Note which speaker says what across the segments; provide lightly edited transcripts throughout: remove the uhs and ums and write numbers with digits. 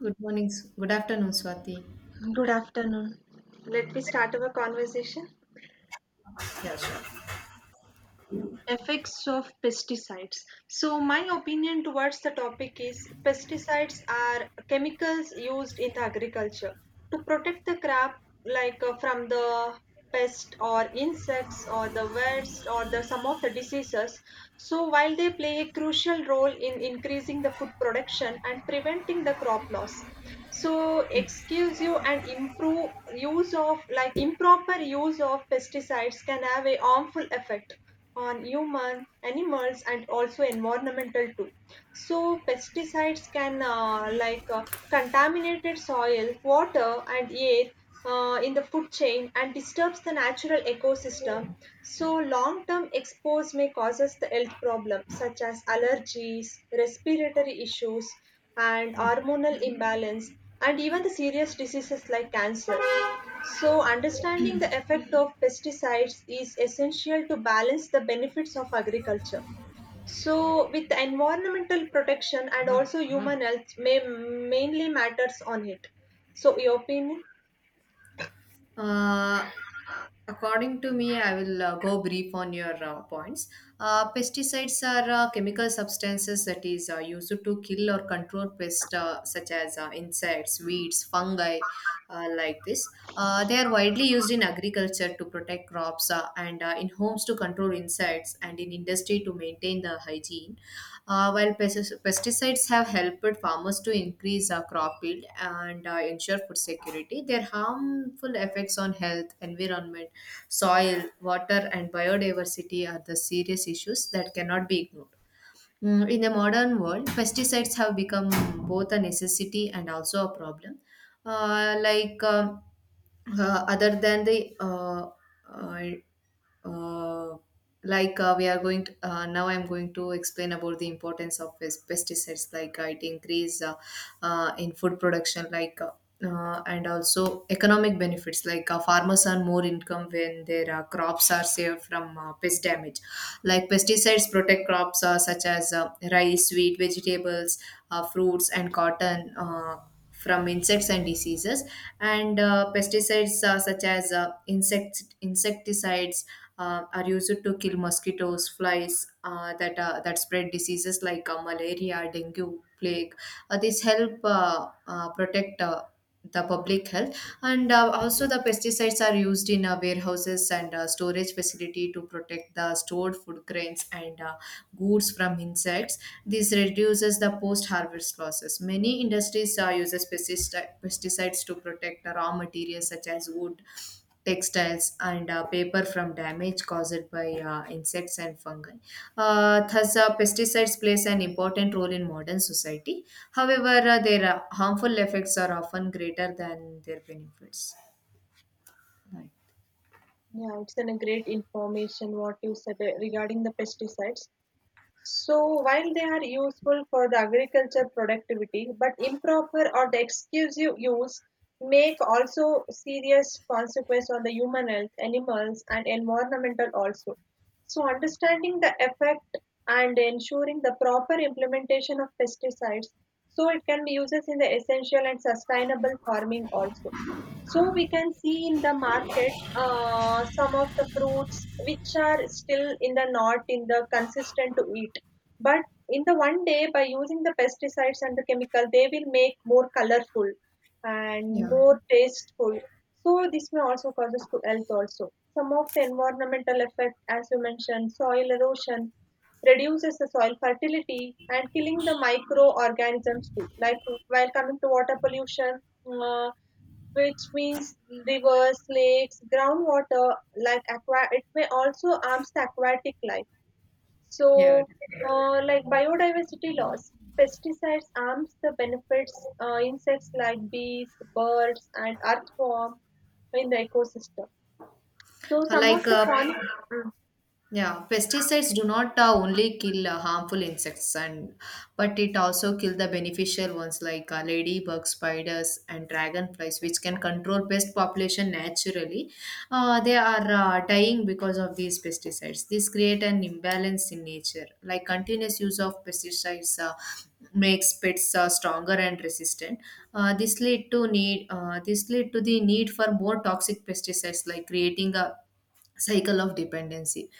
Speaker 1: Good morning. Good afternoon, Swati.
Speaker 2: Good afternoon. Let me start our conversation.
Speaker 1: Yeah, sure.
Speaker 2: Effects of pesticides. So my opinion towards the topic is pesticides are chemicals used in the agriculture to protect the crop, like from the pest or insects or the weeds or the some of the diseases. So while they play a crucial role in increasing the food production and preventing the crop loss, so excuse you and improve use of improper use of pesticides can have a harmful effect on human, animals, and also environmental too. So pesticides can contaminated soil, water, and air in the food chain and disturbs the natural ecosystem. So long-term expose may causes the health problems such as allergies, respiratory issues, and hormonal imbalance, and even the serious diseases like cancer. So, understanding the effect of pesticides is essential to balance the benefits of agriculture. So, with environmental protection and also human health, may mainly matters on it. So, your opinion?
Speaker 1: Uh, According to me, I will go brief on your points. Pesticides are chemical substances that is used to kill or control pests such as insects, weeds, fungi, like this. They are widely used in agriculture to protect crops and in homes to control insects and in industry to maintain the hygiene. While pesticides have helped farmers to increase crop yield and ensure food security, their harmful effects on health, environment, soil, water, and biodiversity are the serious issues that cannot be ignored. In the modern world, pesticides have become both a necessity and also a problem. Like other than the uh, uh, like we are going to, Now I'm going to explain about the importance of pesticides, like it increase in food production, like and also economic benefits, like farmers earn more income when their crops are saved from pest damage, like pesticides protect crops such as rice, wheat, vegetables, fruits, and cotton, from insects and diseases. And pesticides such as insecticides are used to kill mosquitoes, flies that spread diseases like malaria, dengue, plague. This help protect the public health. And also, the pesticides are used in warehouses and storage facility to protect the stored food grains and goods from insects. This reduces the post harvest losses. Many industries uses pesticides to protect the raw materials such as wood, textiles, and paper from damage caused by insects and fungi. Thus, pesticides plays an important role in modern society. However, their harmful effects are often greater than their benefits. Right.
Speaker 2: Yeah, it's an a great information what you said regarding the pesticides. So while they are useful for the agriculture productivity, but improper or the exclusive use make also serious consequence on the human health, animals and environmental also. So understanding the effect and ensuring the proper implementation of pesticides, so it can be used in the essential and sustainable farming also. So we can see in the market some of the fruits which are still in the not in the consistent to eat. But in the one day by using the pesticides and the chemical, they will make more colorful and
Speaker 1: Yeah.
Speaker 2: more tasteful. So this may also causes to health also. Some of the environmental effect, as you mentioned, soil erosion reduces the soil fertility and killing the microorganisms too. Like while coming to water pollution, uh, which means rivers, lakes, groundwater, like aqua. It may also harms the aquatic life.
Speaker 1: Yeah,
Speaker 2: So,
Speaker 1: definitely.
Speaker 2: like biodiversity loss, pesticides harms the benefits insects like bees, birds, and earthworm in the ecosystem. So,
Speaker 1: Uh,
Speaker 2: some
Speaker 1: Like
Speaker 2: of the
Speaker 1: uh, Yeah, pesticides do not only kill harmful insects, and but it also kill the beneficial ones like ladybug, spiders, and dragonflies, which can control pest population naturally. They are dying because of these pesticides. This create an imbalance in nature. Like continuous use of pesticides makes pests stronger and resistant. This lead to the need for more toxic pesticides, like creating a cycle of dependency.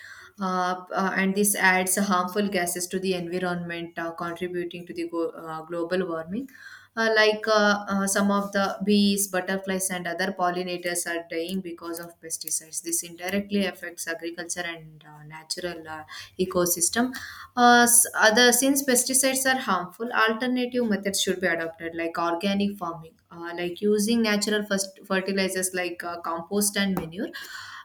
Speaker 1: And this adds harmful gases to the environment, contributing to the global warming. Some of the bees, butterflies, and other pollinators are dying because of pesticides. This indirectly affects agriculture and natural ecosystem. S- other Since pesticides are harmful, alternative methods should be adopted, like organic farming, like using natural first fertilizers like compost and manure,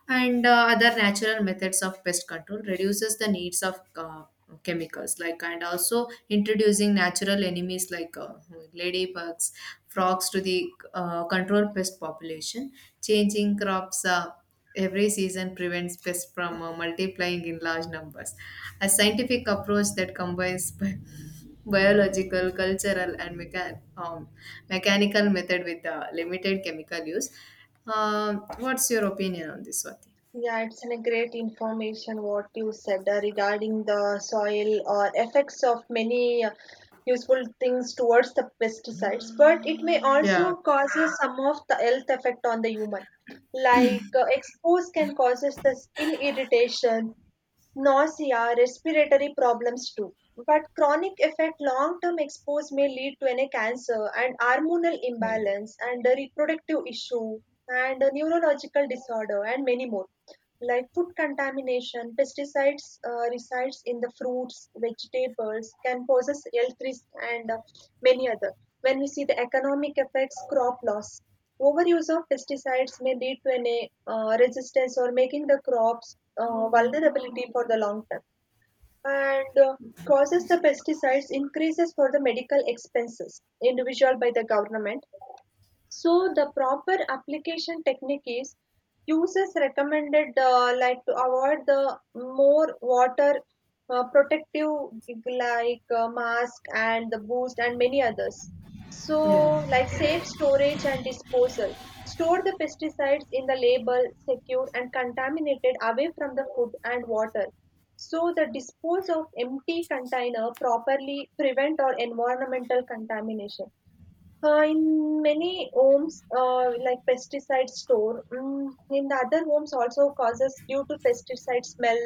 Speaker 1: and other natural methods of pest control reduces the needs of chemicals, like, and also introducing natural enemies like ladybugs, frogs, to the control pest population, changing crops every season prevents pests from multiplying in large numbers. A scientific approach that combines biological, cultural, and mechanical method with limited chemical use. What's your opinion on this, Swati?
Speaker 2: yeah, it's an a great information what you said regarding the soil or effects of many useful things towards the pesticides, but it may
Speaker 1: Yeah.
Speaker 2: also causes some of the health effect on the human. Like exposed can causes the skin irritation, nausea, respiratory problems too, but chronic effect long term expose may lead to an cancer and hormonal
Speaker 1: Yeah.
Speaker 2: imbalance and a reproductive issue and a neurological disorder and many more, like food contamination pesticides resides in the fruits vegetables can poses health risk, and many other. When we see the economic effects crop loss, overuse of pesticides may lead to an resistance or making the crops vulnerability for the long term, and causes the pesticides increases for the medical expenses individual by the government. So the proper application technique is users recommended, like to avoid the more water, protective gig like mask and the boost and many others. So
Speaker 1: Yeah.
Speaker 2: like safe storage and disposal. Store the pesticides in the label secure and contaminated away from the food and water. So the dispose of empty container properly prevent or environmental contamination, in many homes, like pesticide store, in the other homes also causes due to pesticide smell,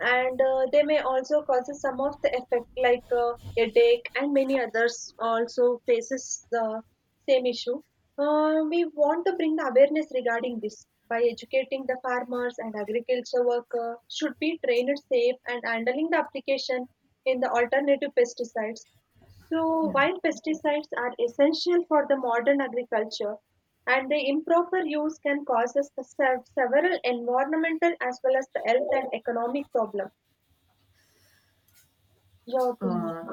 Speaker 2: and they may also causes some of the effect like headache, and many others also faces the same issue. We want to bring the awareness regarding this by educating the farmers and agriculture worker should be trained safe and handling the application in the alternative pesticides. So,
Speaker 1: Yeah.
Speaker 2: while pesticides are essential for the modern agriculture, and their improper use can cause us the several environmental as well as the health and economic problem. Your opinion.
Speaker 1: Uh,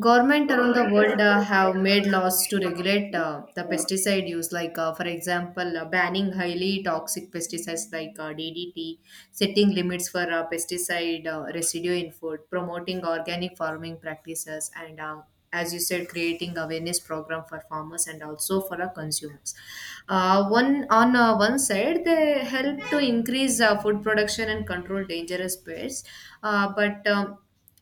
Speaker 1: Government around the world have made laws to regulate the pesticide use, like for example, banning highly toxic pesticides like DDT, setting limits for pesticide residue in food, promoting organic farming practices, and as you said, creating awareness program for farmers and also for our consumers. One side, they help to increase food production and control dangerous pests, but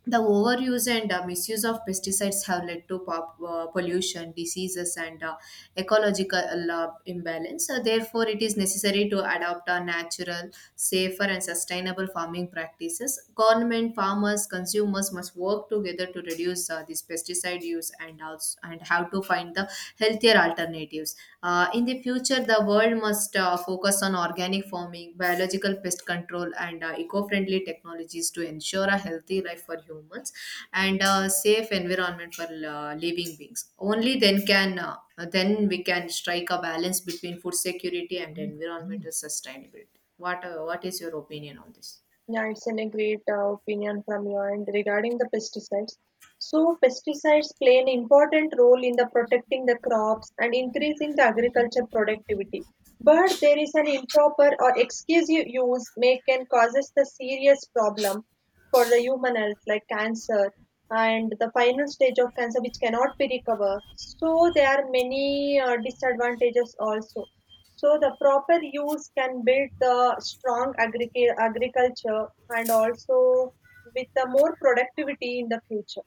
Speaker 1: the overuse and misuse of pesticides have led to pollution, diseases, and ecological imbalance. So therefore, it is necessary to adopt a natural, safer, and sustainable farming practices. Government, farmers, consumers must work together to reduce this pesticide use and also and how to find the healthier alternatives objectives. In the future, the world must focus on organic farming, biological pest control, and eco friendly technologies to ensure a healthy life for humans and a safe environment for living beings. Only then can then we can strike a balance between food security and environmental sustainability. What is your opinion on this?
Speaker 2: Yeah, it's an a great opinion from you. And regarding the pesticides, so pesticides play an important role in the protecting the crops and increasing the agriculture productivity. But there is an improper or excessive use may can causes the serious problem for the human health like cancer and the final stage of cancer which cannot be recovered. So there are many disadvantages also, so the proper use can build the strong agriculture and also with the more productivity in the future.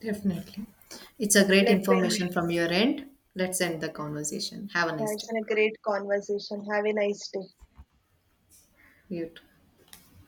Speaker 1: Definitely. It's a great
Speaker 2: Let me,
Speaker 1: information from your end. Let's end the conversation. Have a
Speaker 2: yeah,
Speaker 1: nice
Speaker 2: it's
Speaker 1: day.
Speaker 2: been a great conversation. Have a nice day.
Speaker 1: You too.